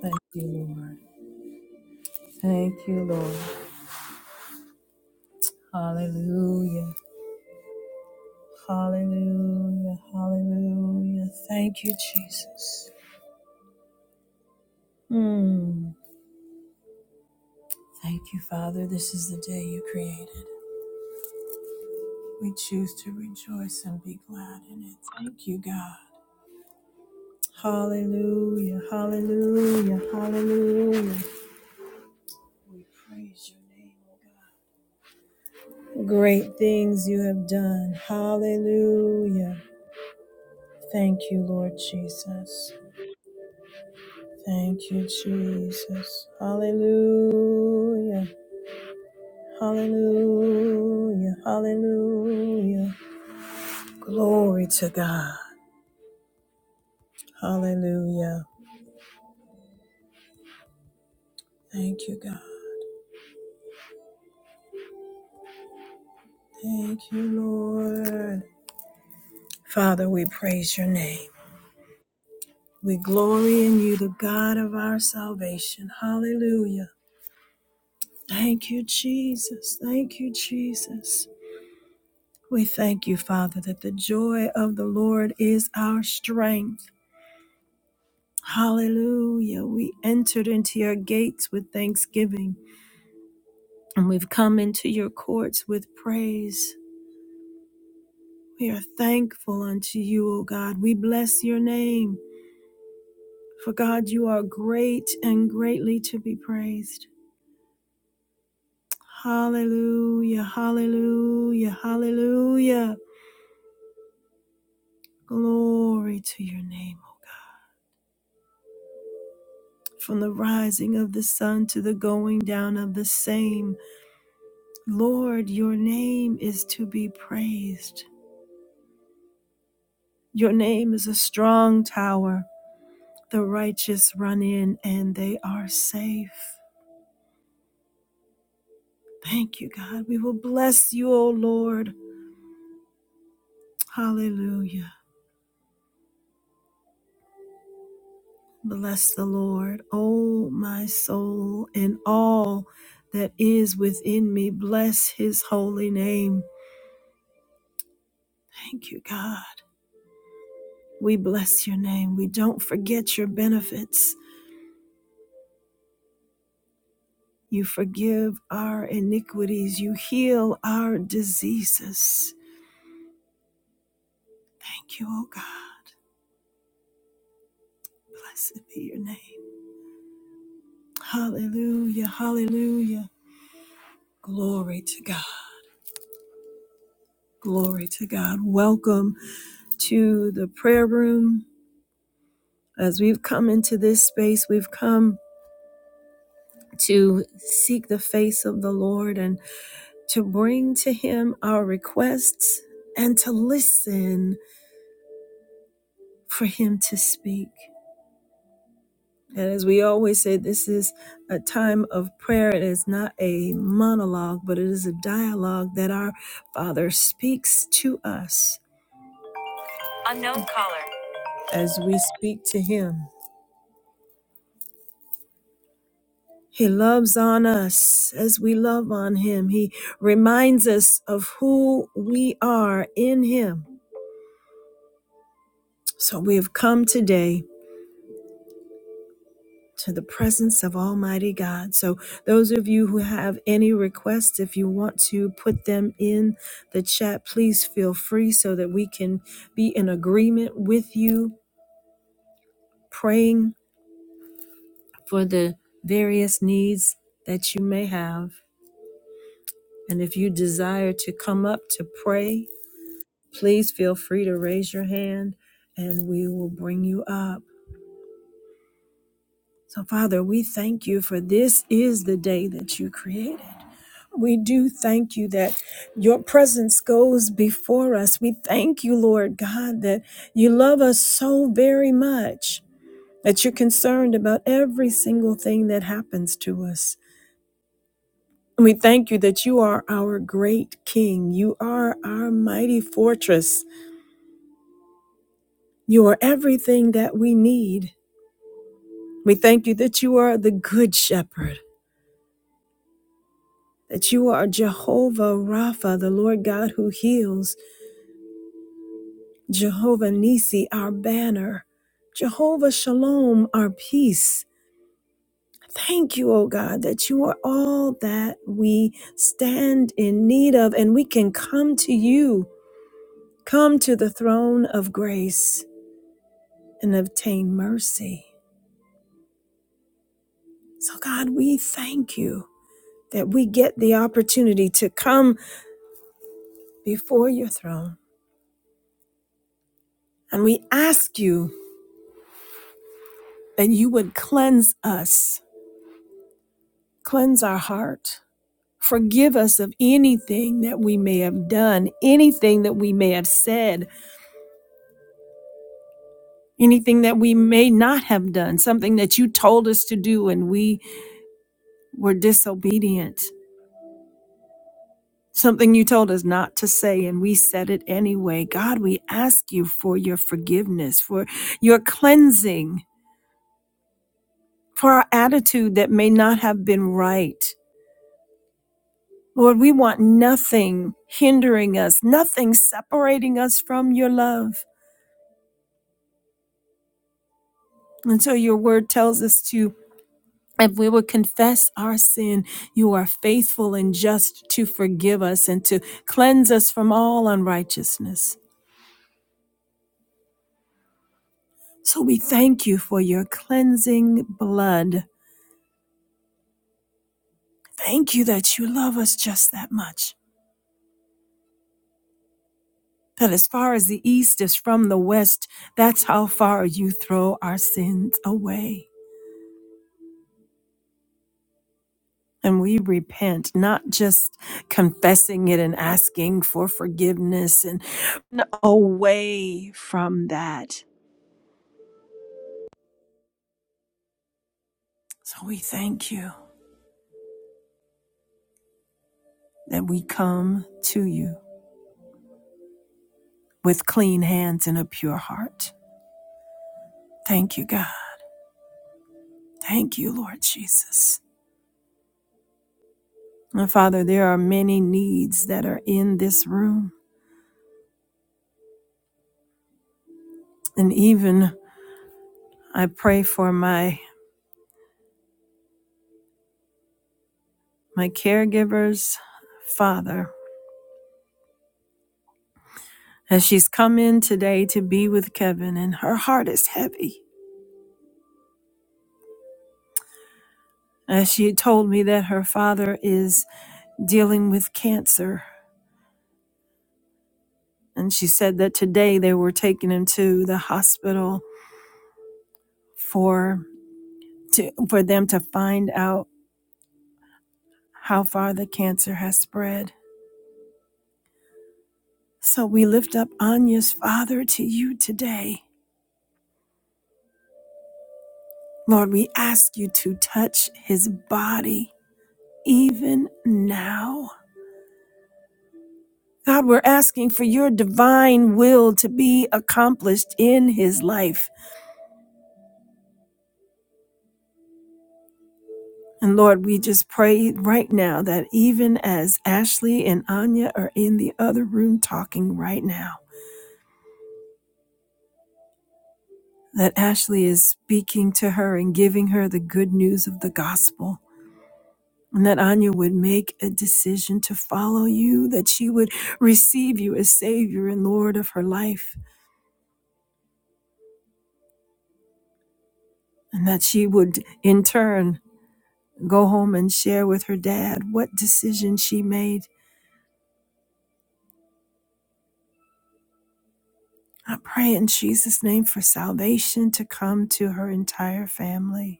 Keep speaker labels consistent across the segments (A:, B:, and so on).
A: Thank you, Lord. Thank you, Lord. Hallelujah. Hallelujah. Hallelujah. Thank you, Jesus. Mm. Thank you, Father. This is the day you created. We choose to rejoice and be glad in it. Thank you, God. Hallelujah. Hallelujah. Hallelujah. We praise your name, O God. Great things you have done. Hallelujah. Thank you, Lord Jesus. Thank you, Jesus. Hallelujah. Hallelujah. Hallelujah. Glory to God. Hallelujah. Thank you, God. Thank you, Lord. Father, we praise your name. We glory in you, the God of our salvation. Hallelujah. Thank you, Jesus. Thank you, Jesus. We thank you, Father, that the joy of the Lord is our strength. Hallelujah. We entered into your gates with thanksgiving, and we've come into your courts with praise. We are thankful unto you, O God. We bless your name. For God, you are great and greatly to be praised. Hallelujah, hallelujah, hallelujah. Glory to your name, O God. From the rising of the sun to the going down of the same, Lord, your name is to be praised. Your name is a strong tower. The righteous run in and they are safe. Thank you, God. We will bless you, O Lord. Hallelujah. Bless the Lord, O my soul, and all that is within me. Bless his holy name. Thank you, God. We bless your name. We don't forget your benefits. You forgive our iniquities. You heal our diseases. Thank you, O God. Blessed be your name. Hallelujah. Hallelujah. Glory to God. Glory to God. Welcome to the prayer room. As we've come into this space, we've come to seek the face of the Lord and to bring to Him our requests and to listen for Him to speak. And as we always say, this is a time of prayer. It is not a monologue, but it is a dialogue that our Father speaks to us. Unknown caller. As we speak to Him. He loves on us as we love on Him. He reminds us of who we are in Him. So we have come today to the presence of Almighty God. So, those of you who have any requests, if you want to put them in the chat, please feel free so that we can be in agreement with you, praying for the various needs that you may have. And if you desire to come up to pray, please feel free to raise your hand and we will bring you up. So, Father, we thank you for this is the day that you created We do thank you that your presence goes before us. We thank you, Lord God, that you love us so very much, that you're concerned about every single thing that happens to us. And we thank you that you are our great King. You are our mighty fortress. You are everything that we need. We thank you that you are the good shepherd, that you are Jehovah Rapha, the Lord God who heals. Jehovah Nisi, our banner, Jehovah Shalom, our peace. Thank you, O God, that you are all that we stand in need of, and we can come to you, come to the throne of grace and obtain mercy. So, God, we thank you that we get the opportunity to come before your throne. And we ask you that you would cleanse us, cleanse our heart, Forgive us of anything that we may have done, anything that we may have said, anything that we may not have done, something that you told us to do and we were disobedient, something you told us not to say and we said it anyway. God, we ask you for your forgiveness, for your cleansing, for our attitude that may not have been right. Lord, we want nothing hindering us, nothing separating us from your love. And so your word tells us to If we would confess our sin, you are faithful and just to forgive us and to cleanse us from all unrighteousness. So we thank you for your cleansing blood. Thank you that you love us just that much. That as far as the east is from the west, that's how far you throw our sins away. And we repent, not just confessing it and asking for forgiveness and away from that So we thank you that we come to you with clean hands and a pure heart. Thank you, God. Thank you, Lord Jesus. And Father, there are many needs that are in this room. And even I pray for my my caregiver's father. As she's come in today to be with Kevin, and her heart is heavy. As she told me that her father is dealing with cancer and she said that today they were taking him to the hospital for to, for them to find out how far the cancer has spread. So we lift up Anya's father to you today. Lord, we ask you to touch his body even now. God, we're asking for your divine will to be accomplished in his life. And Lord, we just pray right now that even as Ashley and Anya are in the other room talking right now, that Ashley is speaking to her and giving her the good news of the gospel. And that Anya would make a decision to follow you, that she would receive you as Savior and Lord of her life, and that she would in turn go home and share with her dad what decision she made. I pray in Jesus' name for salvation to come to her entire family.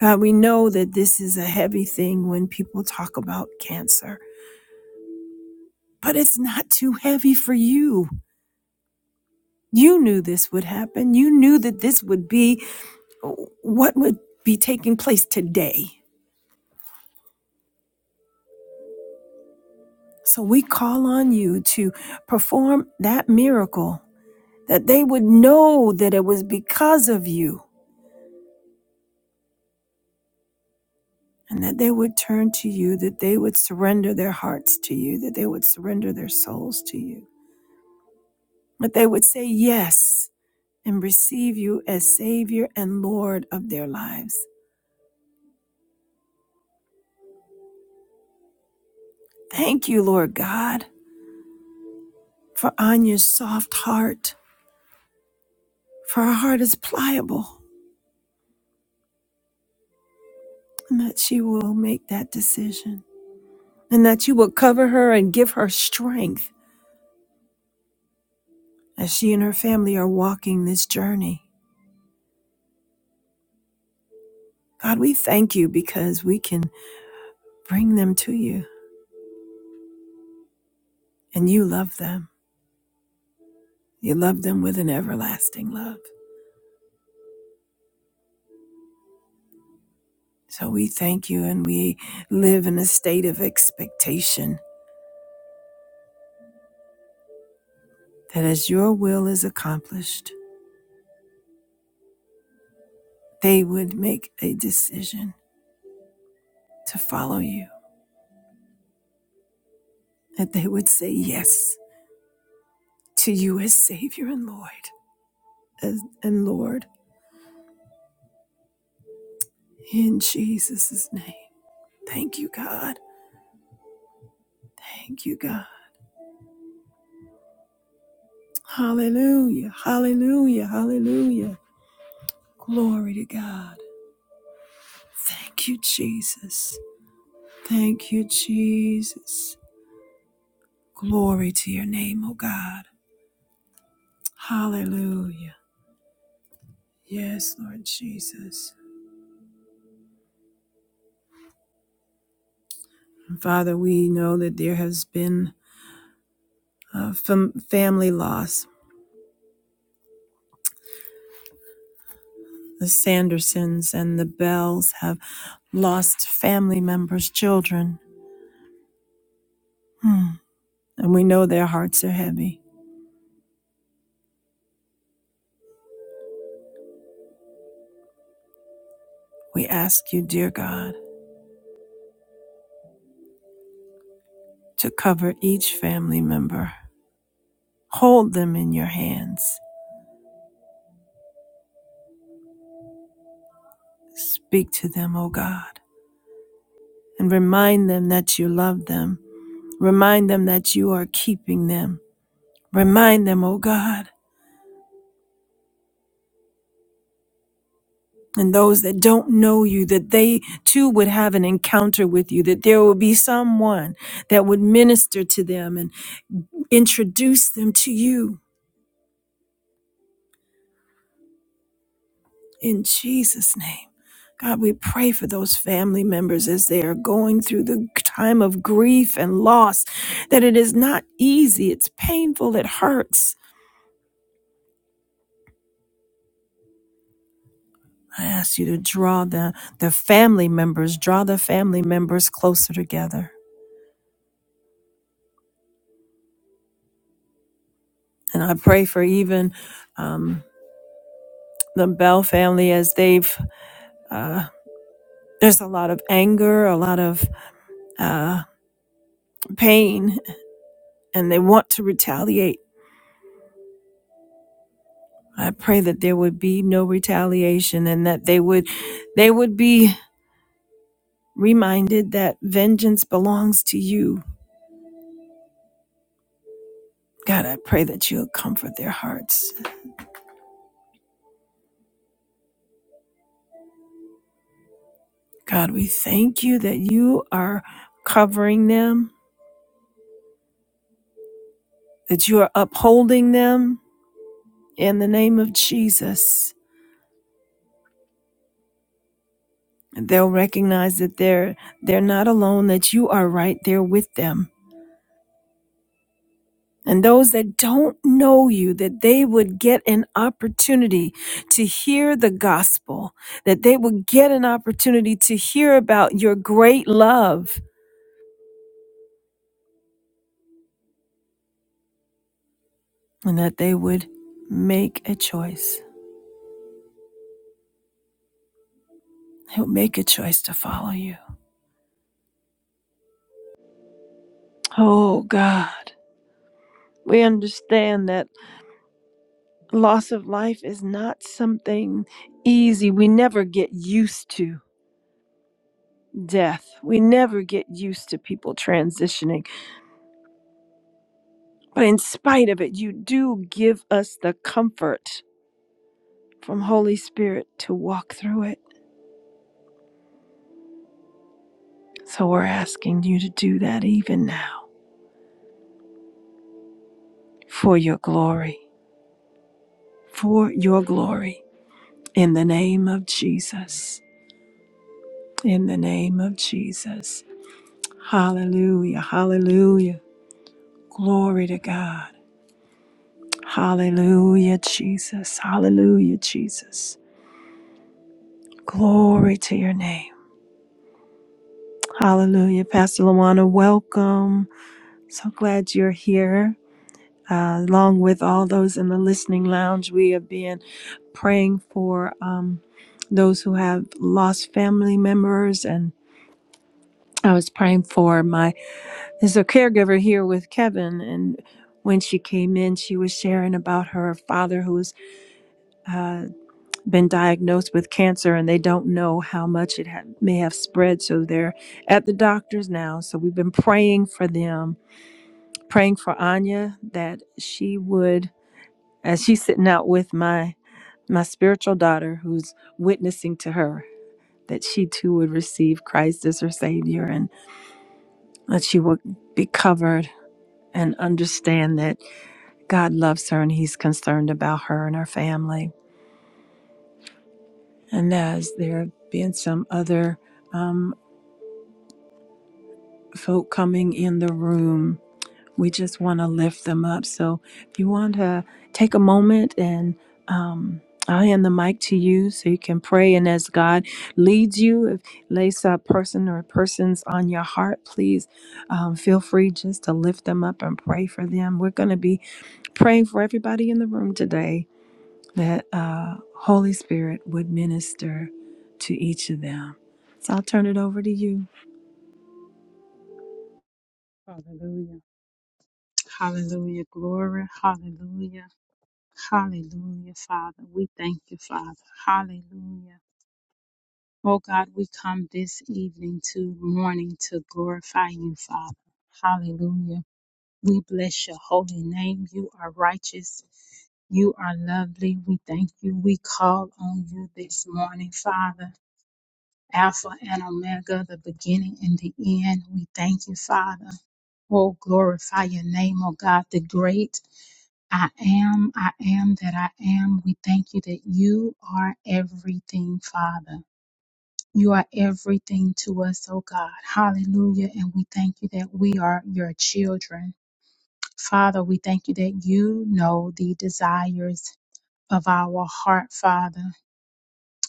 A: God, we know that this is a heavy thing when people talk about cancer, but it's not too heavy for you. You knew this would happen. You knew that this would be what would be taking place today. So we call on you to perform that miracle, that they would know that it was because of you, and that they would turn to you, that they would surrender their hearts to you, that they would surrender their souls to you, that they would say yes and receive you as Savior and Lord of their lives. Thank you, Lord God, for Anya's soft heart, for her heart is pliable, and that she will make that decision, and that you will cover her and give her strength as she and her family are walking this journey. God, we thank you because we can bring them to you, and you love them. You love them with an everlasting love. So we thank you, and we live in a state of expectation that as your will is accomplished, they would make a decision to follow you, that they would say yes to you as Savior and Lord, as, and Lord in Jesus' name. Thank you, God. Thank you, God. Hallelujah. Hallelujah. Hallelujah. Glory to God. Thank you, Jesus. Thank you, Jesus. Glory to your name, O God. Hallelujah. Yes, Lord Jesus. Father, we know that there has been uh, fam- family loss. The Sandersons and the Bells have lost family members, children, Hmm. and we know their hearts are heavy. We ask you, dear God, to cover each family member. Hold them in your hands. Speak to them, O God, and remind them that you love them. Remind them that you are keeping them. Remind them, O God, and those that don't know you, that they too would have an encounter with you, that there would be someone that would minister to them and introduce them to you in Jesus' name. God, we pray for those family members as they are going through the time of grief and loss, that it is not easy, it's painful, it hurts. I ask you to draw the, the family members, draw the family members closer together. And I pray for even um, the Bell family as they've uh, there's a lot of anger, a lot of uh, pain, and they want to retaliate. I pray that there would be no retaliation and that they would they would be reminded that vengeance belongs to you. God, I pray that you'll comfort their hearts. God, we thank you that you are covering them, that you are upholding them in the name of Jesus. they'll recognize that they're they're not alone that you are right there with them and those that don't know you that they would get an opportunity to hear the gospel that they would get an opportunity to hear about your great love and that they would make a choice they'll make a choice to follow you oh god we understand that loss of life is not something easy we never get used to death. We never get used to people transitioning, but in spite of it, you do give us the comfort from Holy Spirit to walk through it. So we're asking you to do that even now for your glory, for your glory. In the name of Jesus. In the name of Jesus. Hallelujah. Hallelujah. Glory to God. Hallelujah, Jesus. Hallelujah, Jesus. Glory to your name. Hallelujah. Pastor Luana, welcome. So glad you're here. Uh, along with all those in the listening lounge, we have been praying for um, those who have lost family members. And I was praying for my, there's a caregiver here with Kevin. And when she came in, she was sharing about her father who's uh, been diagnosed with cancer and they don't know how much it ha- may have spread. So they're at the doctors now. So we've been praying for them praying for Anya that she would, as she's sitting out with my my spiritual daughter who's witnessing to her, that she too would receive Christ as her Savior and that she would be covered and understand that God loves her and He's concerned about her and her family. And as there have been some other um, folk coming in the room, We just want to lift them up. So if you want to take a moment and um, I'll hand the mic to you so you can pray. And as God leads you, if lays a person or persons on your heart, please um, feel free just to lift them up and pray for them. We're going to be praying for everybody in the room today that uh, Holy Spirit would minister to each of them. So I'll turn it over to you.
B: Hallelujah. Hallelujah. Glory. Hallelujah. Hallelujah, Father. We thank you, Father. Hallelujah. Oh God, we come this evening to morning to glorify you, Father. Hallelujah. We bless your holy name. You are righteous. You are lovely. We thank you. We call on you this morning, Father. Alpha and Omega, the beginning and the end. We thank you, Father. Oh, glorify your name, oh God, the great I am, I am that I am. We thank you that you are everything, Father. You are everything to us, oh God. Hallelujah. And we thank you that we are your children. Father, we thank you that you know the desires of our heart, Father.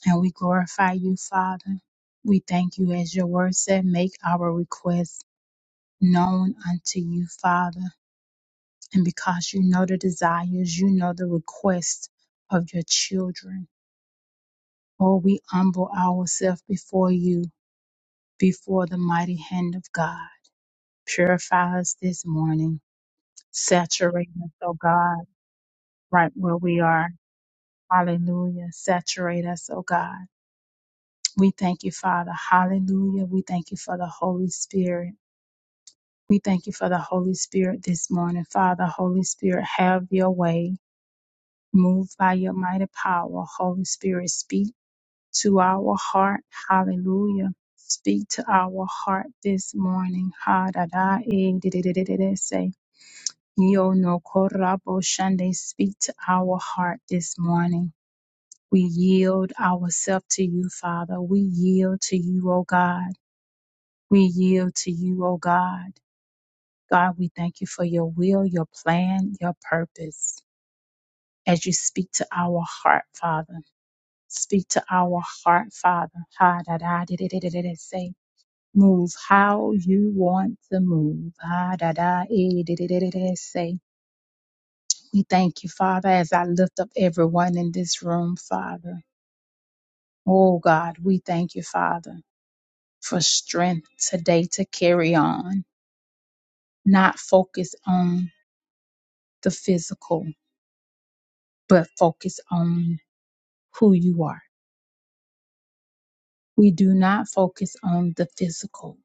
B: And we glorify you, Father. We thank you, as your word said, make our requests known unto you, Father. And because you know the desires, you know the requests of your children. Oh, we humble ourselves before you, before the mighty hand of God. Purify us this morning. Saturate us, oh God, right where we are. Hallelujah. Saturate us, oh God. We thank you, Father. Hallelujah. We thank you for the Holy Spirit. We thank you for the Holy Spirit this morning. Father, Holy Spirit, have your way. Move by your mighty power. Holy Spirit, speak. to our heart. Hallelujah. Speak to our heart this morning. Ha da da eh, di, di, di, di, di, di, say. Yo no korabo shande. Speak to our heart this morning. We yield ourselves to you, Father. We yield to you, O God. We yield to you, O God. God, we thank you for your will, your plan, your purpose. As you speak to our heart, Father. Speak to our heart, Father. Ha da da di, di, di, di, di, di, say. Move how you want to move. Ah, da, da, eh, da, da, da, da, da, say. We thank you, Father, as I lift up everyone in this room, Father. Oh, God, we thank you, Father, for strength today to carry on, not focus on the physical, but focus on who you are. We do not focus on the physical,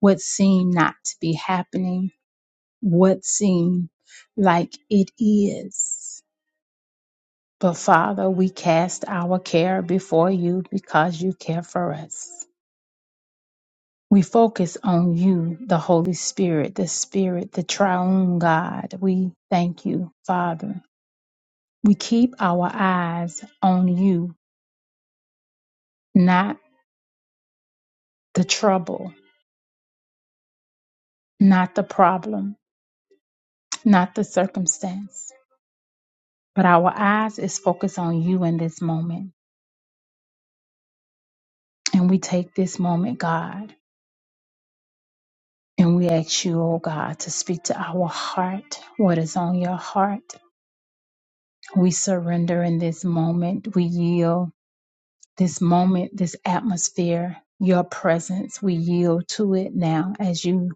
B: what seemed not to be happening, what seemed like it is. But Father, we cast our care before you because you care for us. We focus on you, the Holy Spirit, the Spirit, the triune God. We thank you, Father. We keep our eyes on you, not the trouble, not the problem, not the circumstance, but our eyes is focused on you in this moment. And we take this moment, God, and we ask you, oh God, to speak to our heart, what is on your heart We surrender in this moment. We yield this moment, this atmosphere, your presence. We yield to it now as you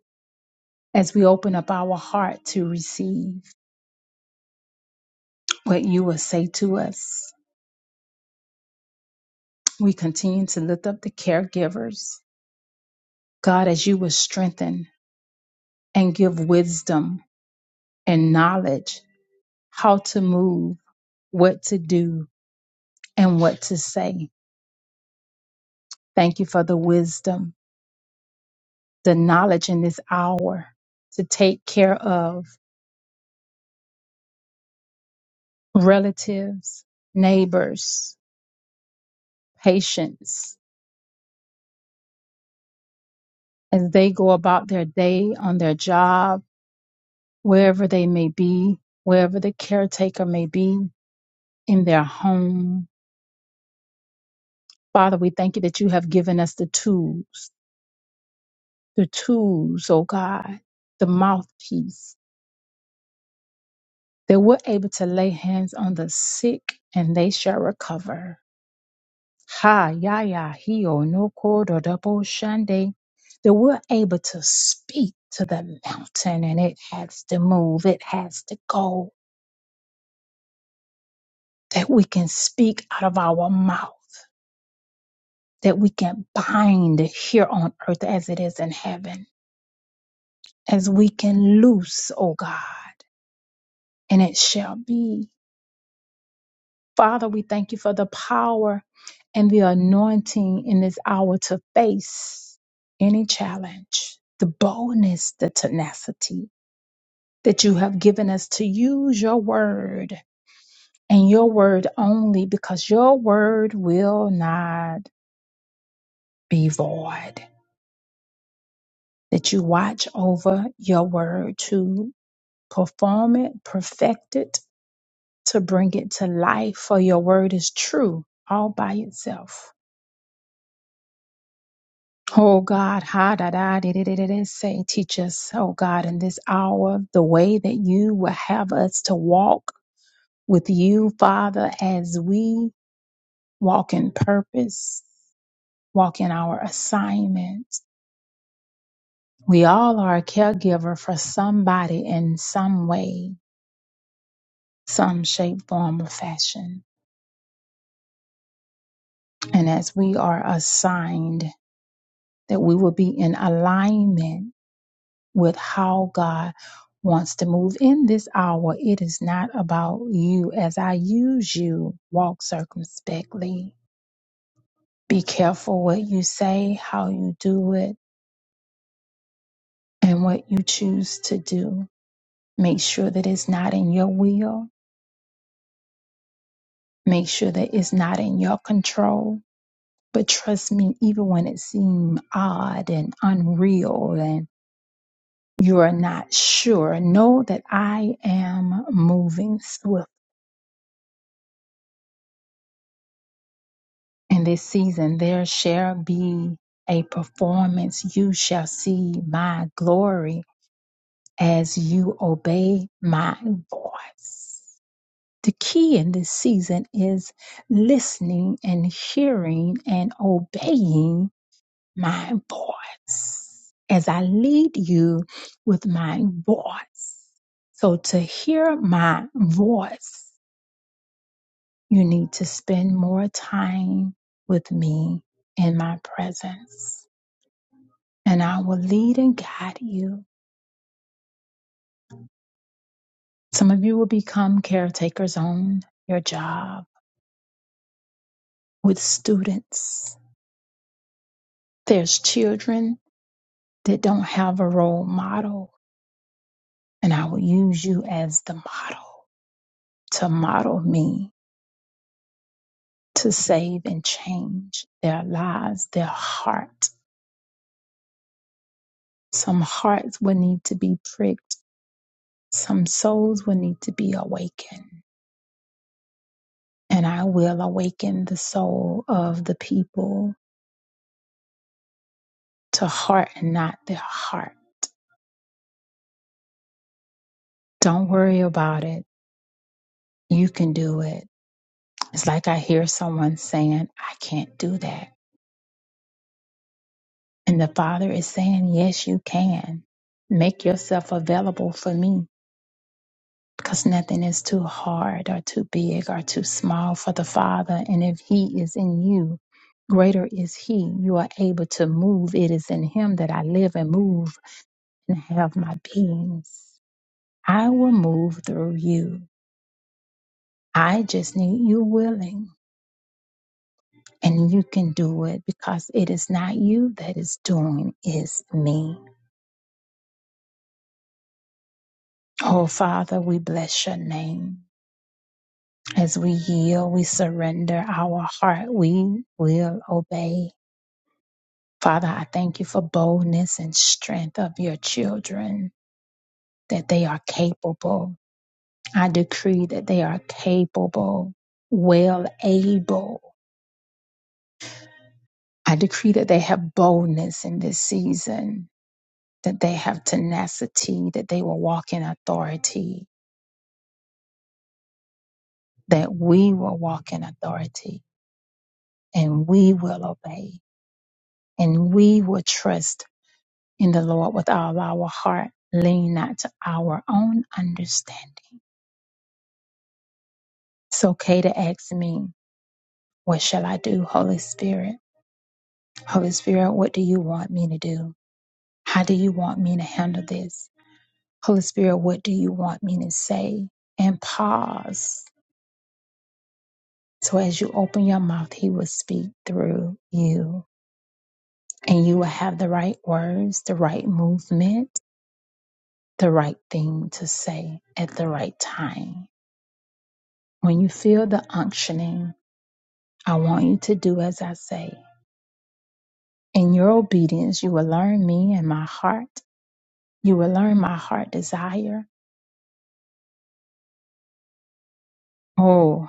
B: as we open up our heart to receive what you will say to us. We continue to lift up the caregivers. God, as you will strengthen and give wisdom and knowledge how to move, what to do, and what to say. Thank you for the wisdom, the knowledge in this hour to take care of relatives, neighbors, patients as they go about their day on their job, wherever they may be, wherever the caretaker may be in their home. Father, we thank you that you have given us the tools, the tools, oh God, the mouthpiece, that we're able to lay hands on the sick and they shall recover. Ha yaya, ya hio no ko do da shande. That we're able to speak to the mountain and it has to move, it has to go. That we can speak out of our mouth, that we can bind here on earth as it is in heaven, as we can loose, O God, and it shall be. Father, we thank you for the power and the anointing in this hour to face any challenge, the boldness, the tenacity that you have given us to use your word and your word only because your word will not be void. That you watch over your word to perform it, perfect it, to bring it to life, for your word is true all by itself. Oh God, ha da da di, di, di, di, di, say, teach us, oh God, in this hour, the way that you will have us to walk with you, Father, as we walk in purpose, walk in our assignment. We all are a caregiver for somebody in some way, some shape, form, or fashion. And as we are assigned, that we will be in alignment with how God wants to move in this hour. It is not about you. As I use you, walk circumspectly. Be careful what you say, how you do it, and what you choose to do. Make sure that it's not in your will. Make sure that it's not in your control. But trust me, even when it seems odd and unreal and you are not sure, know that I am moving swiftly in this season there shall be a performance. You shall see my glory as you obey my voice. The key in this season is listening and hearing and obeying my voice as I lead you with my voice. So to hear my voice you need to spend more time with me in my presence, and I will lead and guide you. Some of you will become caretakers on your job with students. There's children that don't have a role model, and I will use you as the model to model me to save and change their lives, their heart. Some hearts will need to be pricked, some souls will need to be awakened. and I will awaken the soul of the people to heart and not their heart. Don't worry about it. You can do it. It's like I hear someone saying, I can't do that. And the Father is saying, Yes, you can. Make yourself available for me because nothing is too hard or too big or too small for the Father. And if He is in you, greater is He. You are able to move. It is in Him that I live and move and have my beings. I will move through you. I just need you willing and you can do it because it is not you that is doing, it's me. Oh, Father, we bless your name. As we yield, we surrender our heart, we will obey. Father, I thank you for boldness and strength of your children, that they are capable. I decree that they are capable, well able I decree that they have boldness in this season, that they have tenacity, that they will walk in authority, that we will walk in authority and we will obey and we will trust in the Lord with all our heart, lean not to our own understanding. It's okay to ask me, What shall I do, Holy Spirit? Holy Spirit, what do you want me to do? How do you want me to handle this? Holy Spirit, what do you want me to say? And pause. So as you open your mouth, He will speak through you. And you will have the right words, the right movement, the right thing to say at the right time. When you feel the unctioning, I want you to do as I say. In your obedience, you will learn me and my heart. You will learn my heart desire. Oh.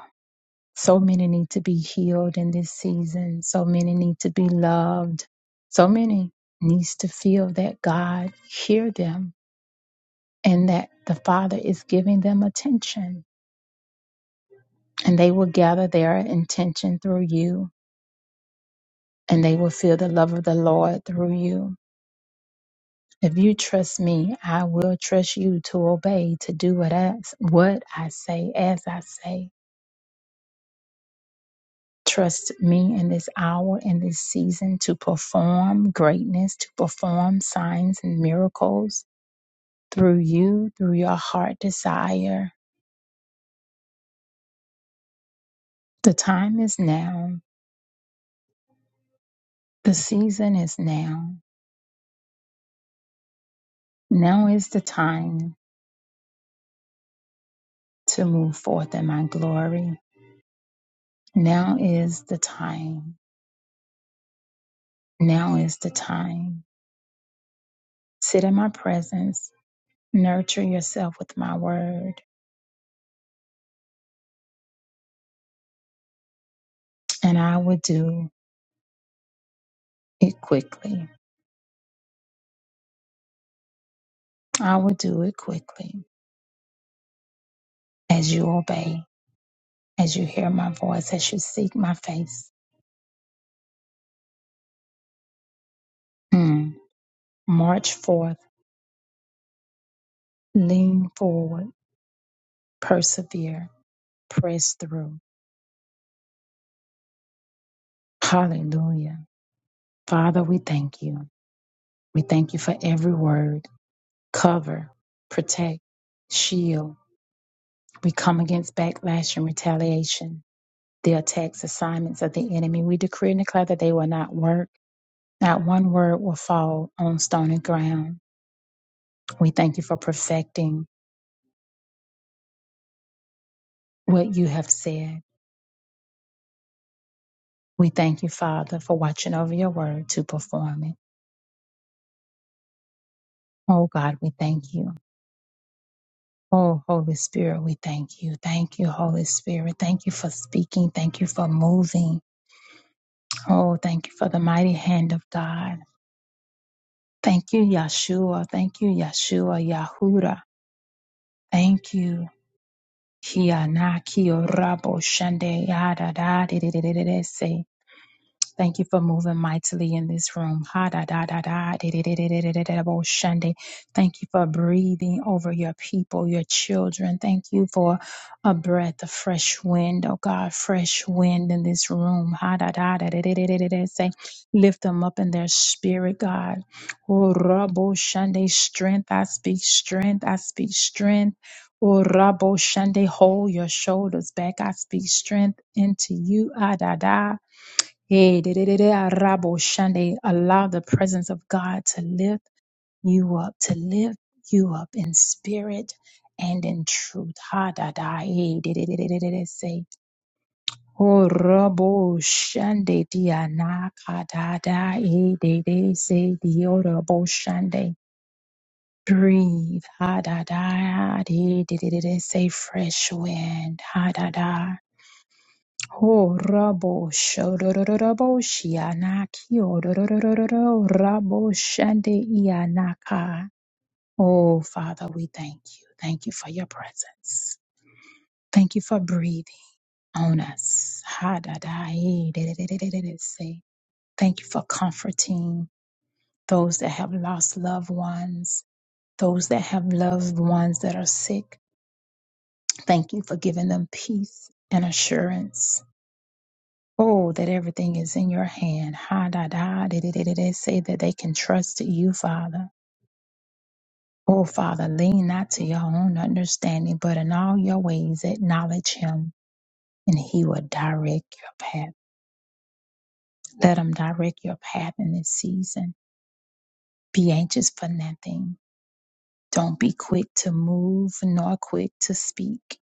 B: So many need to be healed in this season. So many need to be loved. So many needs to feel that God hear them and that the Father is giving them attention. And they will gather their intention through you and they will feel the love of the Lord through you. If you trust me, I will trust you to obey, to do what I, what I say as I say. Trust me in this hour, in this season, to perform greatness, to perform signs and miracles through you, through your heart desire. The time is now. The season is now. Now is the time to move forth in my glory. Now is the time. Now is the time. Sit in my presence. Nurture yourself with my word, and I will do it quickly. I will do it quickly. as you obey, as you hear my voice, as you seek my face. Mm. March forth, lean forward, persevere, press through. Hallelujah. Father, we thank you. We thank you for every word. Cover, protect, shield. We come against backlash and retaliation, the attacks, assignments of the enemy. We decree and declare that they will not work. Not one word will fall on stony ground. We thank you for perfecting what you have said. We thank you, Father, for watching over your word to perform it. Oh God, we thank you. Oh Holy Spirit, we thank you. Thank you, Holy Spirit. Thank you for speaking. Thank you for moving. Oh, thank you for the mighty hand of God. Thank you, Yeshua. Thank you, Yeshua, Yahuda. Thank you. Kia na kio rabo shande ya da da di di di di di di se. Thank you for moving mightily in this room. Ha da da da da di, di, di, di, di, di, di, di, bo, shende. Thank you for breathing over your people, your children. Thank you for a breath of fresh wind, oh God, fresh wind in this room. Ha da da da di, di, di, di, di, di. Say, lift them up in their spirit, God. Oh, rabo shande, strength. I speak strength. I speak strength. Oh, rabo shande, hold your shoulders back. I speak strength into you. Ah, da, da. Hey, de de- de- de- arabo shande. Allow the presence of God to lift you up, to lift you up in spirit and in truth. Ha da da. Hey, de, de- de- de- de- de- de- say. Oh, rabo shande diana ka da da. Hey, de, de- say diorabo shande. Breathe. Ha da da. de de de de, de- say fresh wind. Ha da da. Ho rabo shodororabo shianaki ororororo rabo shande ianaka. Oh, Father, we thank you. Thank you for your presence. Thank you for breathing on us. Ha da da eh, da da da da da da da, say. Thank you for comforting those that have lost loved ones, those that have loved ones that are sick. Thank you for giving them peace and assurance. Oh, that everything is in your hand. Ha da da da da da da. da. Say that they can trust you, Father. Oh, Father, lean not to your own understanding, but in all your ways acknowledge Him, and He will direct your path. Let Him direct your path in this season. Be anxious for nothing. Don't be quick to move nor quick to speak.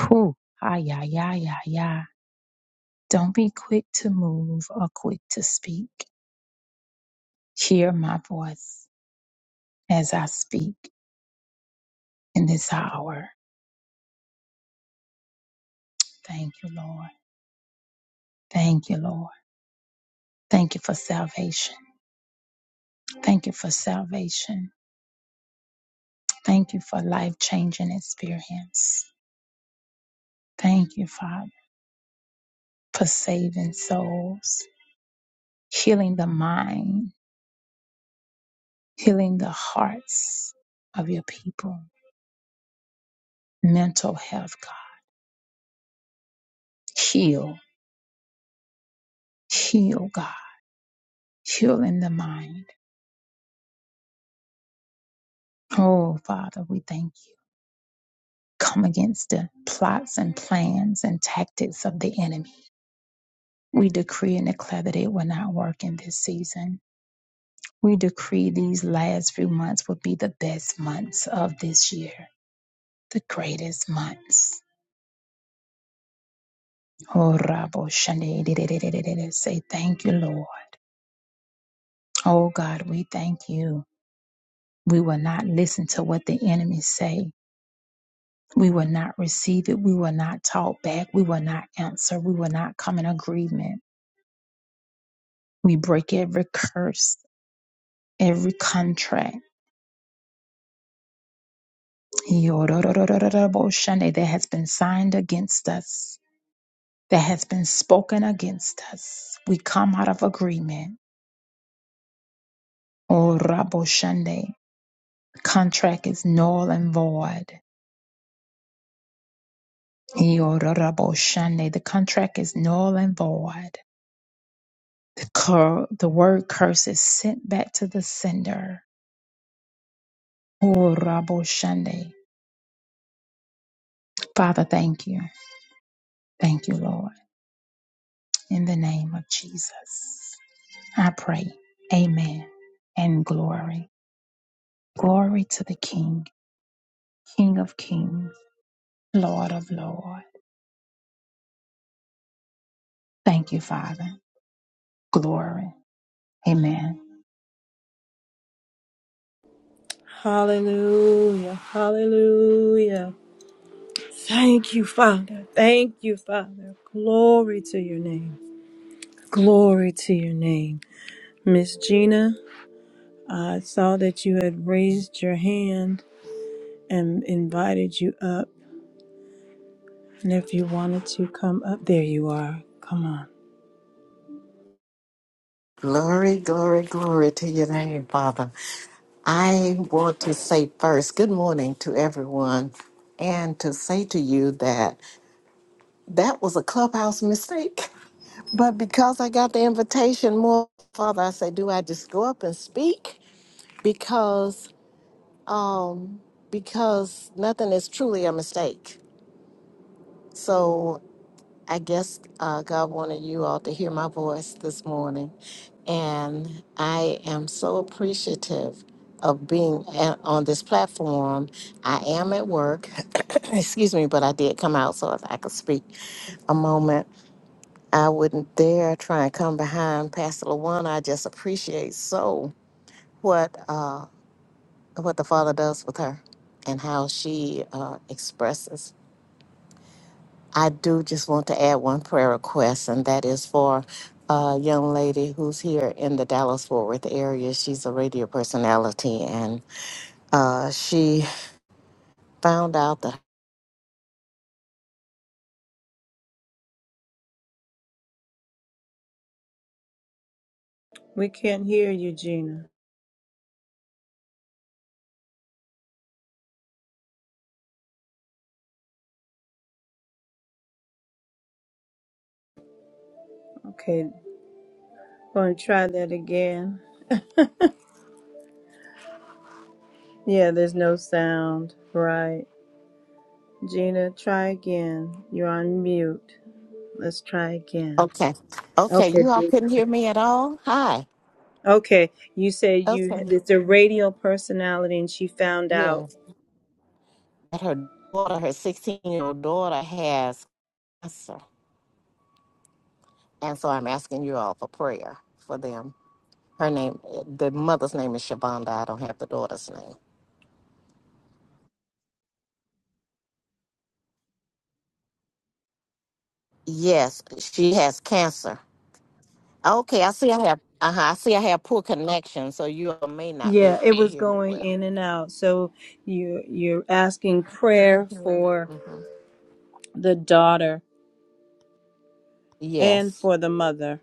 B: Whew. Ah, yeah, yeah, yeah, yeah. Don't be quick to move or quick to speak. Hear my voice as I speak in this hour. Thank you, Lord. Thank you, Lord. Thank you for salvation. Thank you for salvation. Thank you for life changing experience. Thank you, Father, for saving souls, healing the mind, healing the hearts of your people, mental health, God. Heal, heal, God. Heal in the mind. Oh, Father, we thank you. Come against the plots and plans and tactics of the enemy We decree and declare that it will not work in this season. We decree these last few months will be the best months of this year, the greatest months. Oh, rabo Shani, di- di- di- di- di- di- di. Say thank you, Lord. Oh God, we thank you. We will not listen to what the enemy say. We will not receive it. We will not talk back. We will not answer. We will not come in agreement. We break every curse, every contract. Yorororororoboshande, that has been signed against us, that has been spoken against us. We come out of agreement. Oraboshande, contract is null and void. Yorororoboshande, the contract is null and void. The, cur- the word curse is sent back to the sender. Oraboshande. Father, thank you. Thank you, Lord. In the name of Jesus, I pray. Amen and glory. Glory to the King, King of kings, Lord of lords. Thank you, Father. Glory. Amen.
A: Hallelujah, hallelujah. Thank you, Father. Thank you, Father. Glory to your name. Glory to your name. Miss Gina, I saw that you had raised your hand and invited you up. And if you wanted to come up, there you are. Come on.
C: Glory, glory, glory to your name, Father. I want to say first, good morning to everyone, and to say to you that that was a clubhouse mistake. But because I got the invitation, more Father, I say, do I just go up and speak? Because, um, because nothing is truly a mistake. So I guess uh, God wanted you all to hear my voice this morning. And I am so appreciative of being a- on this platform. I am at work. Excuse me, but I did come out so I could speak a moment. I wouldn't dare try and come behind Pastor LaWanda. I just appreciate so what uh, what the Father does with her and how she uh, expresses. I do just want to add one prayer request, and that is for a young lady who's here in the Dallas Fort Worth area. She's a radio personality, and uh, she found out that.
A: We can't hear you, Gina. Okay, going to try that again. Yeah, there's no sound. Right. Gina, try again. You're on mute. Let's try again.
C: Okay. Okay.
A: Okay,
C: You all
A: there you go.
C: couldn't hear me at all? Hi.
A: Okay, you said you
C: Okay.
A: it's a radio personality, and she found out.
C: Yes. That her daughter, her 16 year old daughter, has cancer. And so I'm asking you all for prayer for them. Her name, the mother's name is Shabonda. I don't have the daughter's name. Yes, she has cancer Okay, I see I have uh-huh, I see I have poor connection, so you all may not
A: Yeah,
C: be
A: it
C: able to
A: was
C: hear me
A: going
C: well.
A: in and out. So you you're asking prayer
C: Mhm.
A: for
C: Mhm.
A: the daughter and
C: Yes.
A: for the mother.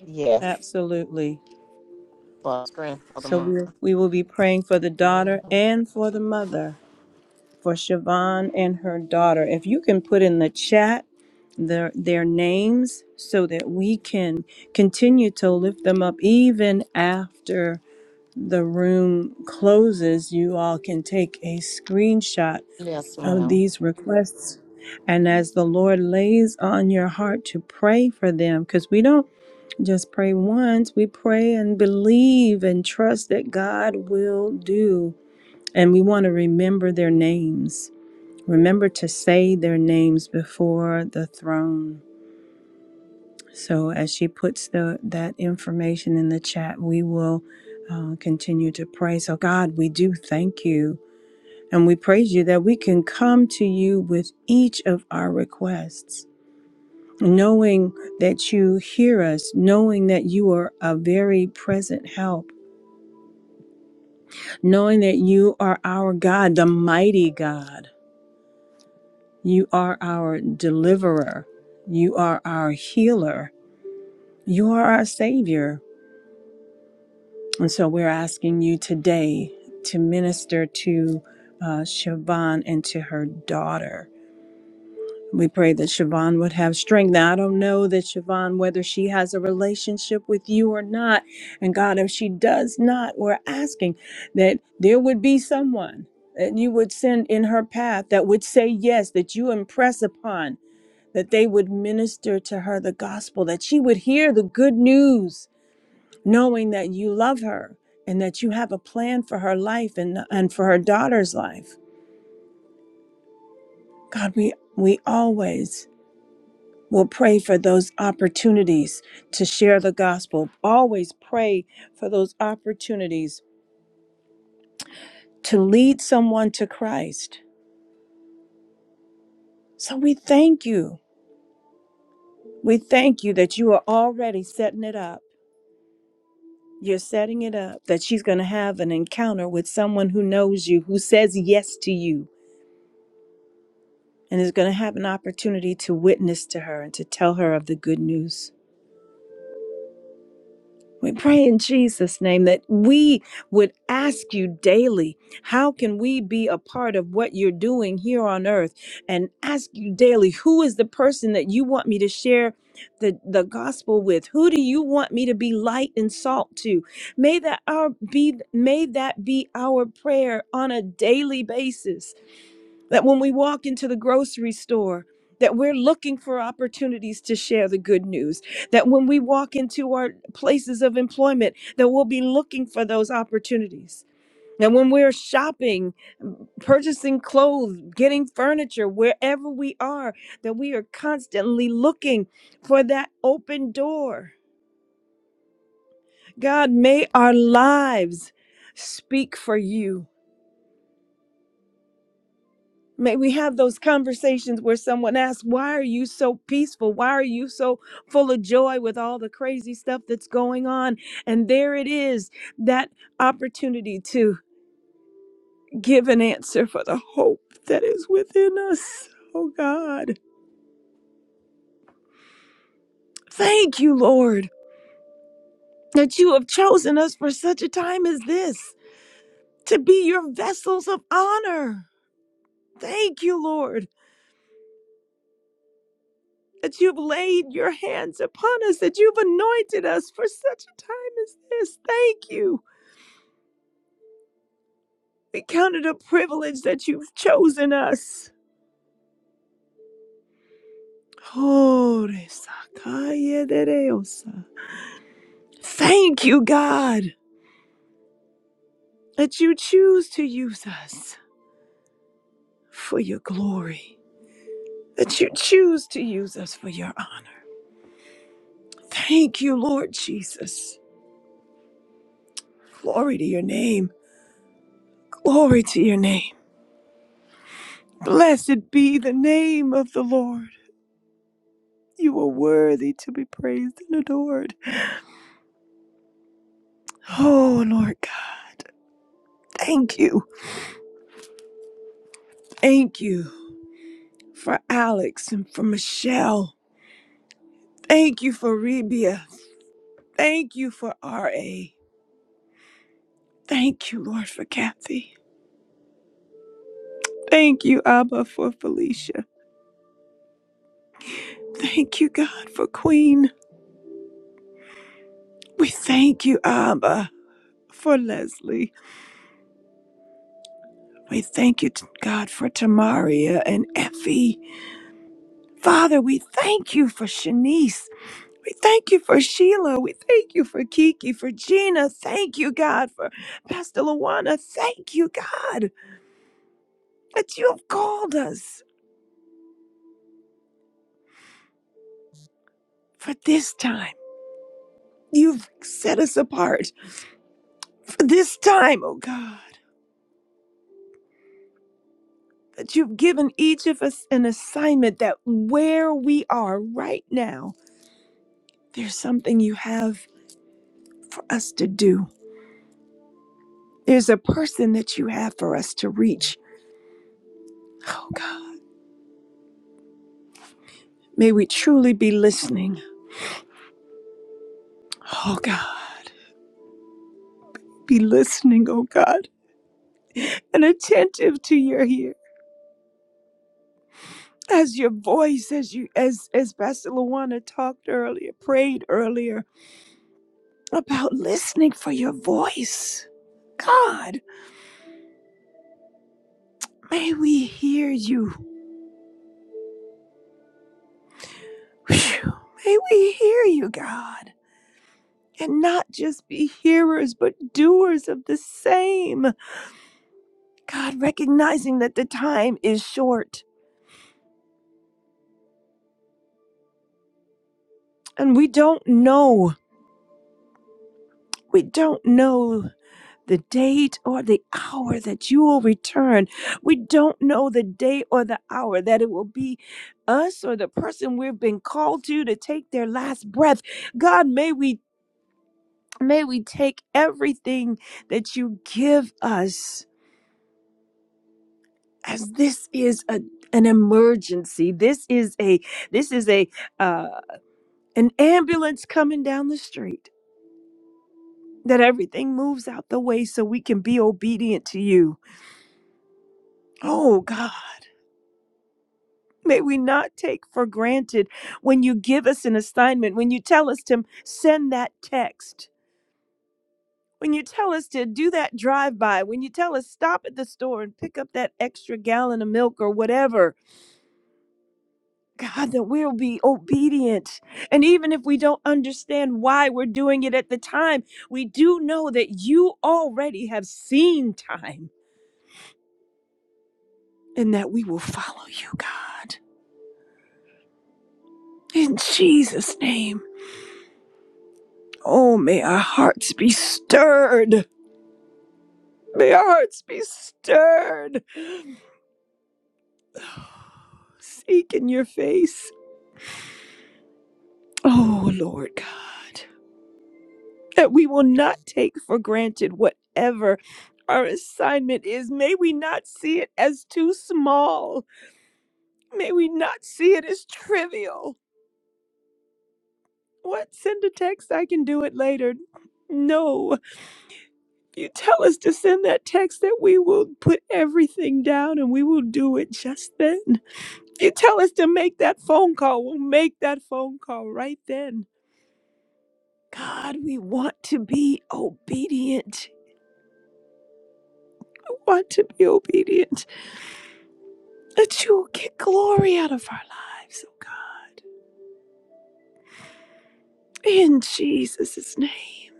C: Yes.
A: Absolutely.
C: For strength for the
A: So we
C: month.
A: we will be praying for the daughter
C: Mhm.
A: and for the mother, for Siobhan and her daughter. If you can put in the chat their their names so that we can continue to lift them up even after. the room closes, you all can take a screenshot
C: Yes,
A: of
C: ma'am.
A: these requests. And as the Lord lays on your heart to pray for them, because we don't just pray once, we pray and believe and trust that God will do. And we want to remember their names. Remember to say their names before the throne. So as she puts the that information in the chat, we will uh, continue to pray. So God, we do thank you and we praise you that we can come to you with each of our requests, knowing that you hear us, knowing that you are a very present help, knowing that you are our God, the mighty God. You are our deliverer. You are our healer. You are our savior. And so we're asking you today to minister to uh, Siobhan and to her daughter. We pray that Siobhan would have strength. Now, I don't know that Siobhan, whether she has a relationship with you or not. And God, if she does not, we're asking that there would be someone that you would send in her path that would say yes, that you impress upon, that they would minister to her the gospel, that she would hear the good news knowing that you love her and that you have a plan for her life and, and for her daughter's life. God, we, we always will pray for those opportunities to share the gospel, always pray for those opportunities to lead someone to Christ. So we thank you. We thank you that you are already setting it up. You're setting it up that she's going to have an encounter with someone who knows you, who says yes to you and is going to have an opportunity to witness to her and to tell her of the good news. We pray in Jesus' name that we would ask you daily, how can we be a part of what you're doing here on earth? And ask you daily, who is the person that you want me to share the, the gospel with? Who do you want me to be light and salt to? May that our be may that be our prayer on a daily basis that when we walk into the grocery store that we're looking for opportunities to share the good news that when we walk into our places of employment that we'll be looking for those opportunities and when we're shopping purchasing clothes getting furniture wherever we are that we are constantly looking for that open door god may our lives speak for you May we have those conversations where someone asks, Why are you so peaceful? Why are you so full of joy with all the crazy stuff that's going on? And there it is, that opportunity to give an answer for the hope that is within us. Oh God. Thank you, Lord, that you have chosen us for such a time as this to be your vessels of honor. Thank you, Lord. that you've laid your hands upon us, that you've anointed us for such a time as this. Thank you. We count it a privilege that you've chosen us. Oh, Thank you, God, that you choose to use us for your glory, that you choose to use us for your honor. Thank you, Lord Jesus. Glory to your name. Glory to your name. Blessed be the name of the Lord. You are worthy to be praised and adored. Oh, Lord God, thank you. Thank you for Alex and for Michelle. Thank you for Rebia. Thank you for R.A. Thank you, Lord, for Kathy. Thank you, Abba, for Felicia. Thank you, God, for Queen. We thank you, Abba, for Leslie. We thank you, God, for Tamaria and Effie. Father, we thank you for Shanice. We thank you for Sheila. We thank you for Kiki, for Gina. Thank you, God, for Pastor Luana. Thank you, God, that you have called us for this time. You've set us apart for this time, oh God, that you've given each of us an assignment that where we are right now, there's something you have for us to do. There's a person that you have for us to reach. Oh God, may we truly be listening. Oh God. be listening, oh God, and attentive to your ear. As your voice, as you as as Pastor Luana talked earlier, prayed earlier about listening for your voice. God, may we hear you. Phew. May we hear you, God. And not just be hearers, but doers of the same. God, recognizing that the time is short and we don't know. We don't know the date or the hour that you will return. We don't know the day or the hour that it will be us or the person we've been called to to take their last breath. God, may we may we take everything that you give us as this is a an emergency. This is a this is a uh, an ambulance coming down the street. That everything moves out the way so we can be obedient to you. Oh God. May we not take for granted when you give us an assignment, when you tell us to send that text, when you tell us to do that drive by, when you tell us stop at the store and pick up that extra gallon of milk or whatever. God, that we'll be obedient. And even if we don't understand why we're doing it at the time, we do know that you already have seen time and that we will follow you, God. In Jesus' name. Oh, may our hearts be stirred May our hearts be stirred. Seek in your face. Oh, Lord God, that we will not take for granted whatever our assignment is. May we not see it as too small. May we not see it as trivial. What? Send a text, I can do it later. No. You tell us to send that text that we will put everything down and we will do it just then. You tell us to make that phone call. We'll make that phone call right then. God, we want to be obedient. We want to be obedient. That you will get glory out of our lives, oh God. In Jesus' name.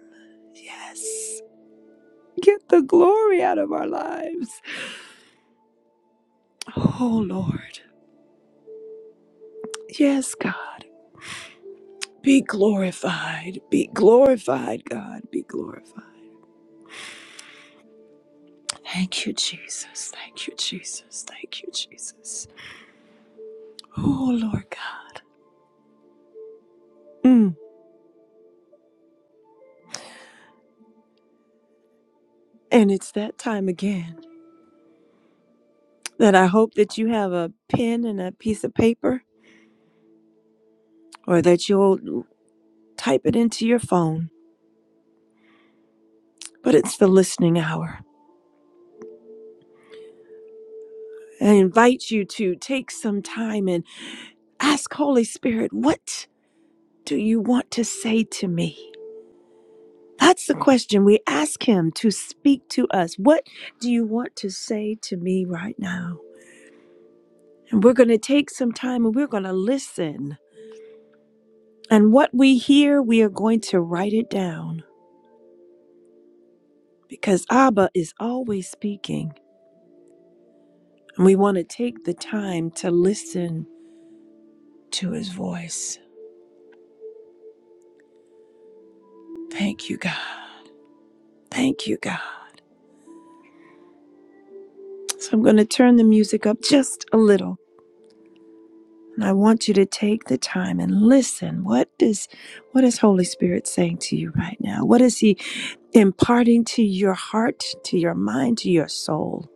A: Yes. Get the glory out of our lives. Oh Lord. Yes, God. Be glorified. Be glorified, God. Be glorified. Thank you, Jesus. Thank you, Jesus. Thank you, Jesus. Oh Lord God. Mm. And it's that time again that I hope that you have a pen and a piece of paper or that you'll type it into your phone. But it's the listening hour. I invite you to take some time and ask Holy Spirit, what do you want to say to me? That's the question we ask Him to speak to us. What do you want to say to me right now? And we're going to take some time and we're going to listen. And what we hear, we are going to write it down. because Abba is always speaking, and we want to take the time to listen to his voice. Thank you, God. Thank you, God. So I'm going to turn the music up just a little, and I want you to take the time and listen. What does what is Holy Spirit saying to you right now? What is he imparting to your heart, to your mind, to your soul?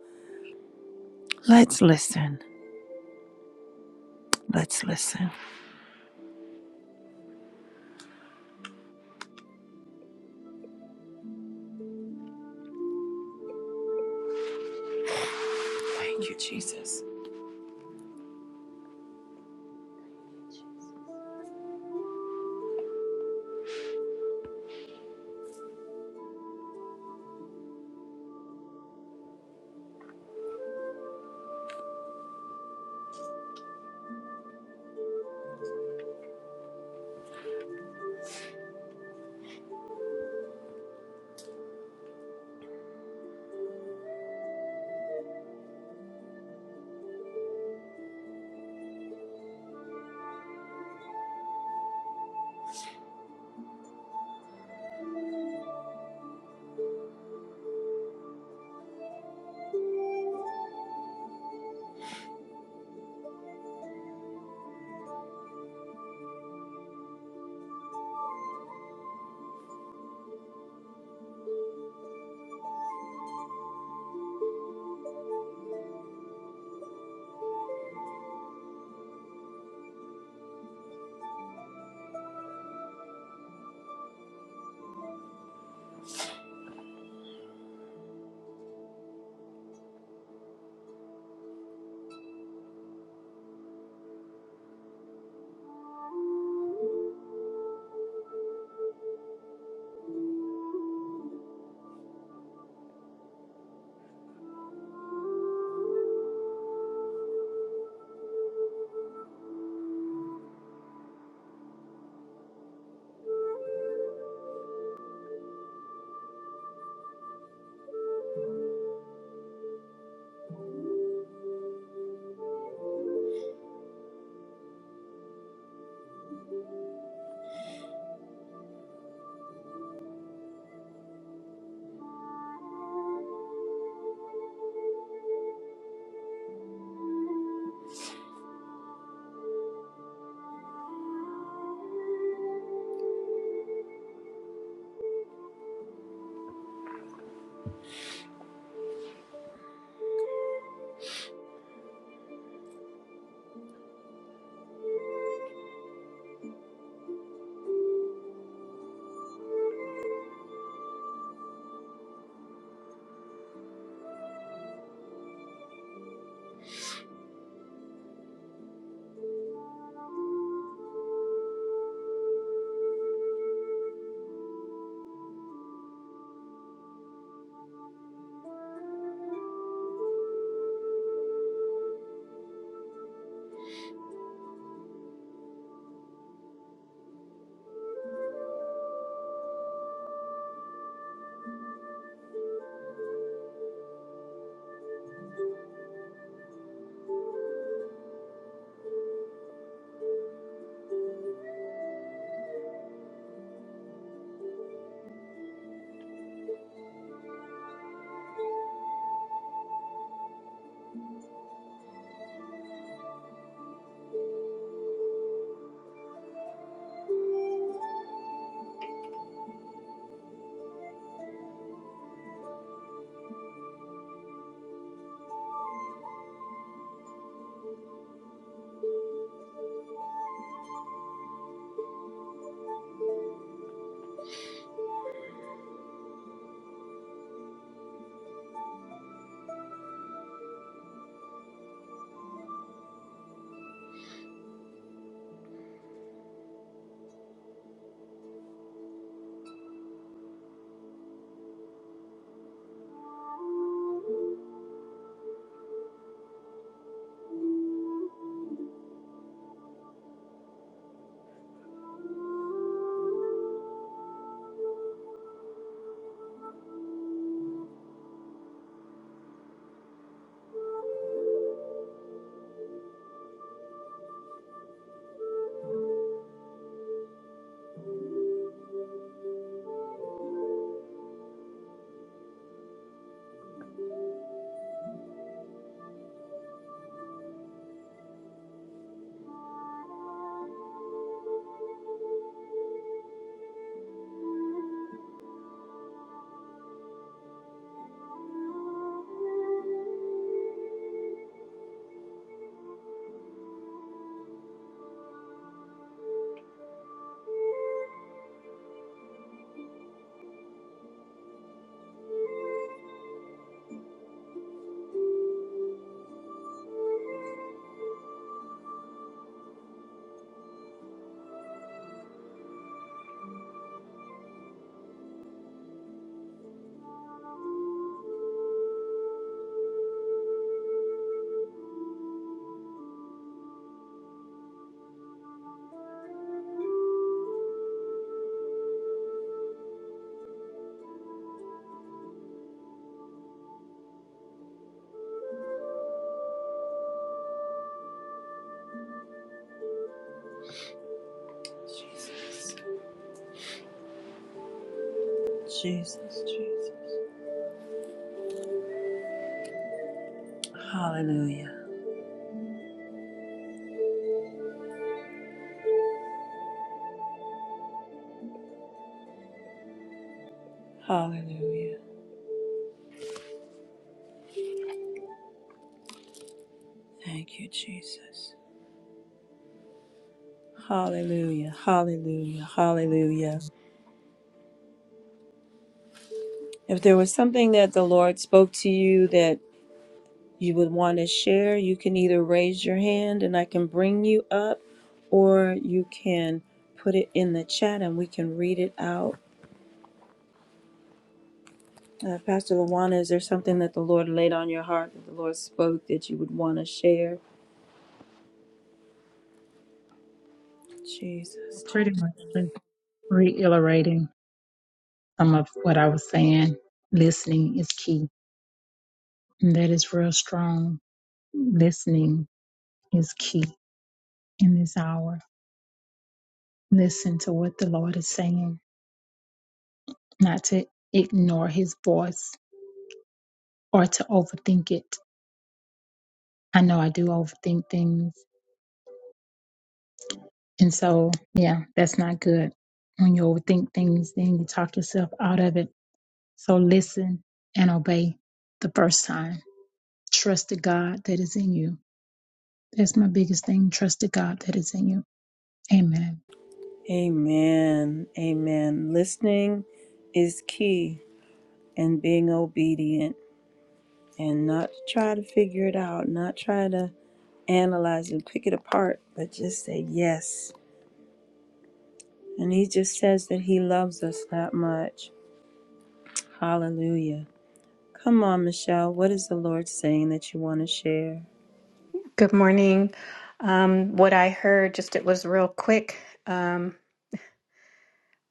A: Let's listen. Let's listen. Thank you, Jesus. Jesus. Jesus. Jesus. Hallelujah. Hallelujah. Thank you, Jesus. Hallelujah. Hallelujah. Hallelujah. If there was something that the Lord spoke to you that you would want to share, you can either raise your hand and I can bring you up, or you can put it in the chat and we can read it out. Uh, Pastor Lawana, is there something that the Lord laid on your heart that the Lord spoke that you would want to share? Jesus,
B: Pretty
A: Jesus.
B: much just reiterating some of what I was saying. Listening is key. And that is real strong. Listening is key in this hour. Listen to what the Lord is saying, not to ignore his voice or to overthink it. I know I do overthink things. And so, yeah, that's not good. When you overthink things, then you talk yourself out of it. So listen and obey the first time. Trust the God that is in you. That's my biggest thing. Trust the God that is in you. Amen.
A: Amen. Amen. Listening is key. and being obedient and not try to figure it out, not try to analyze and pick it apart, but just say yes. And he just says that he loves us that much. Hallelujah. Come on, Michelle. What is the Lord saying that you want to share?
D: Good morning. Um, what I heard, just it was real quick. Um,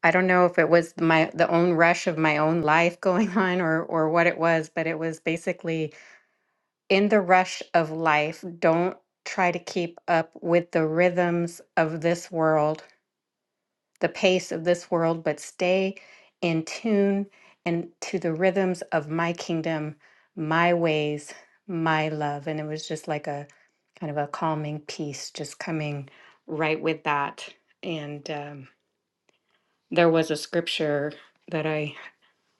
D: I don't know if it was my the own rush of my own life going on or or what it was, but it was basically in the rush of life, don't try to keep up with the rhythms of this world the pace of this world, but stay in tune and to the rhythms of my kingdom, my ways, my love. And it was just like a kind of a calming peace just coming right with that. And um, there was a scripture that I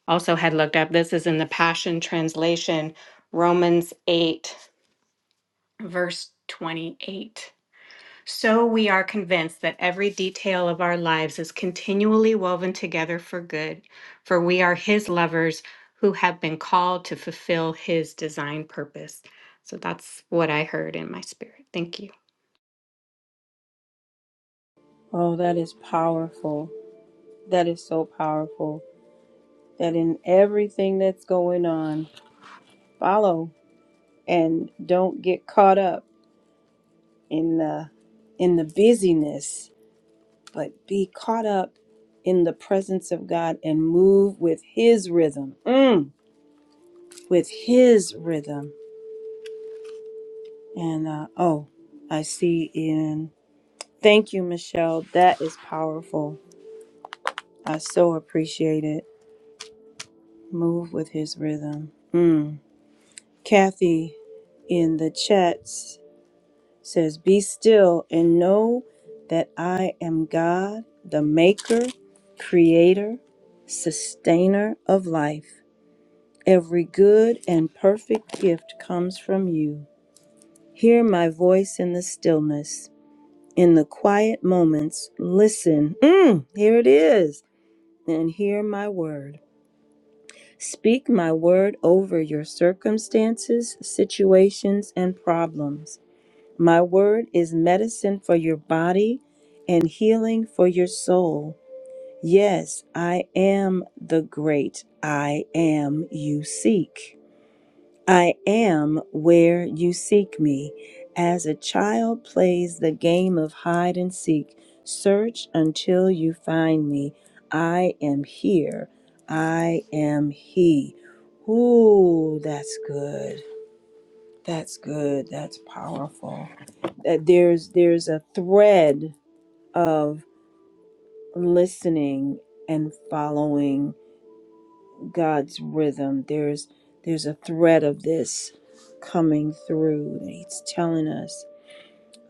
D: also had looked up. This is in the Passion Translation, Romans 8, verse 28. So we are convinced that every detail of our lives is continually woven together for good, for we are His lovers who have been called to fulfill His design purpose. So that's what I heard in my spirit. Thank you.
A: Oh, that is powerful. That is so powerful. That in everything that's going on, follow and don't get caught up in the in the busyness but be caught up in the presence of God and move with His rhythm, Mm, with His rhythm. And uh, oh, I see in. Thank you, Michelle. That is powerful. I so appreciate it. Move with His rhythm. Mm. Kathy in the chats says, Be still and know that I am God, the maker, creator, sustainer of life. Every good and perfect gift comes from you. Hear my voice in the stillness. In the quiet moments, listen. Mm, here it is. And hear my word. Speak my word over your circumstances, situations, and problems. My word is medicine for your body and healing for your soul. Yes, I am the great I am you seek. I am where you seek me. As a child plays the game of hide and seek, search until you find me. I am here. I am He. Ooh, that's good. That's good. That's powerful. That There's there's a thread of listening and following God's rhythm. There's there's a thread of this coming through. He's telling us.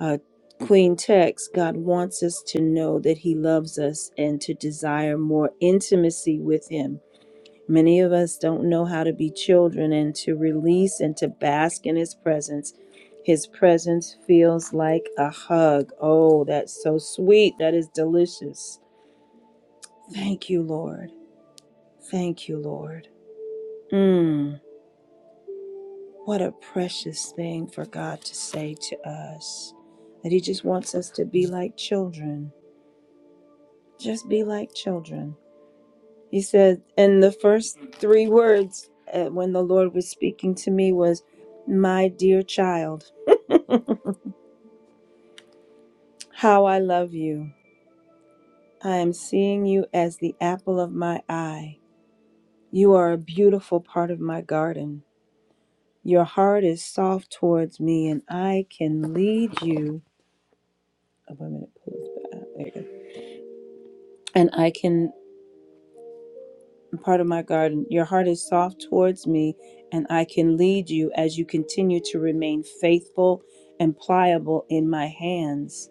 A: Uh, Queen Tex, God wants us to know that He loves us and to desire more intimacy with Him. Many of us don't know how to be children and to release and to bask in His presence. His presence feels like a hug. Oh, that's so sweet. That is delicious. Thank you, Lord. Thank you, Lord. Mm. What a precious thing for God to say to us that He just wants us to be like children. Just be like children. He said, and the first three words uh, when the Lord was speaking to me was, My dear child, how I love you. I am seeing you as the apple of my eye. You are a beautiful part of my garden. Your heart is soft towards me, and I can lead you. Oh, wait a minute, pull this back. There you go. And I can and part of my garden. Your heart is soft towards me, and I can lead you as you continue to remain faithful and pliable in my hands.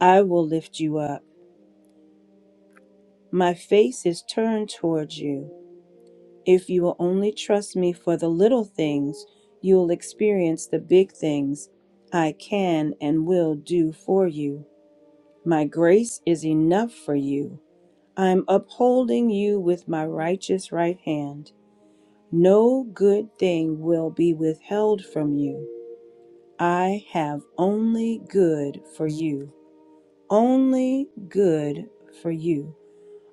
A: I will lift you up. My face is turned towards you. If you will only trust me for the little things, you will experience the big things I can and will do for you. My grace is enough for you. I am upholding you with my righteous right hand. No good thing will be withheld from you. I have only good for you. Only good for you.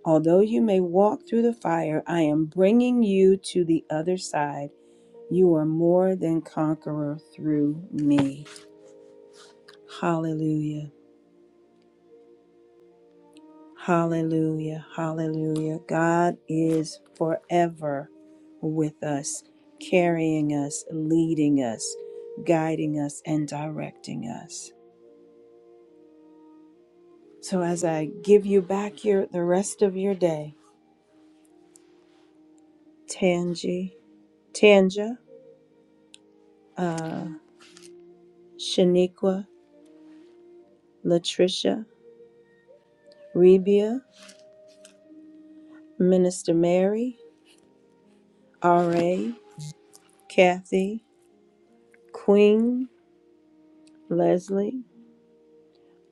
A: Although you may walk through the fire, I am bringing you to the other side. You are more than conqueror through me. Hallelujah. Hallelujah. Hallelujah. God is forever with us, carrying us, leading us, guiding us, and directing us. So as I give you back your the rest of your day, Tangi, Tanja, uh, Shaniqua, Latricia, Rebia, Minister Mary, R.A., Kathy, Queen, Leslie,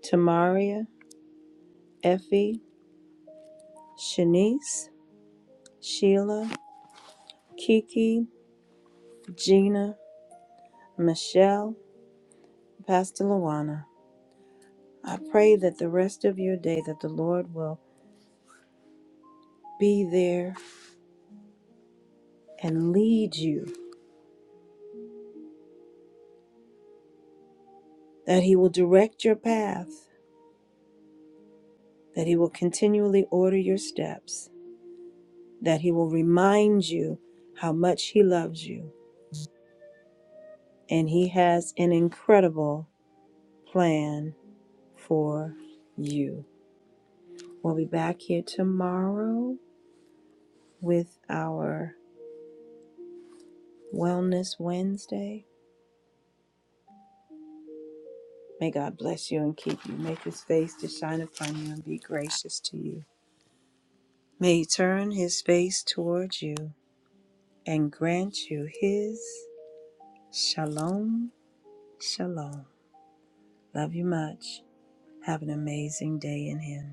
A: Tamaria, Effie, Shanice, Sheila, Kiki, Gina, Michelle, Pastor Luana. I pray that the rest of your day that the Lord will be there and lead you, that he will direct your path, that he will continually order your steps, that he will remind you how much he loves you and he has an incredible plan for you. We'll be back here tomorrow with our Wellness Wednesday May God bless you and keep you, make his face to shine upon you and be gracious to you. May he turn his face towards you and grant you his shalom, shalom. Love you much. Have an amazing day in him.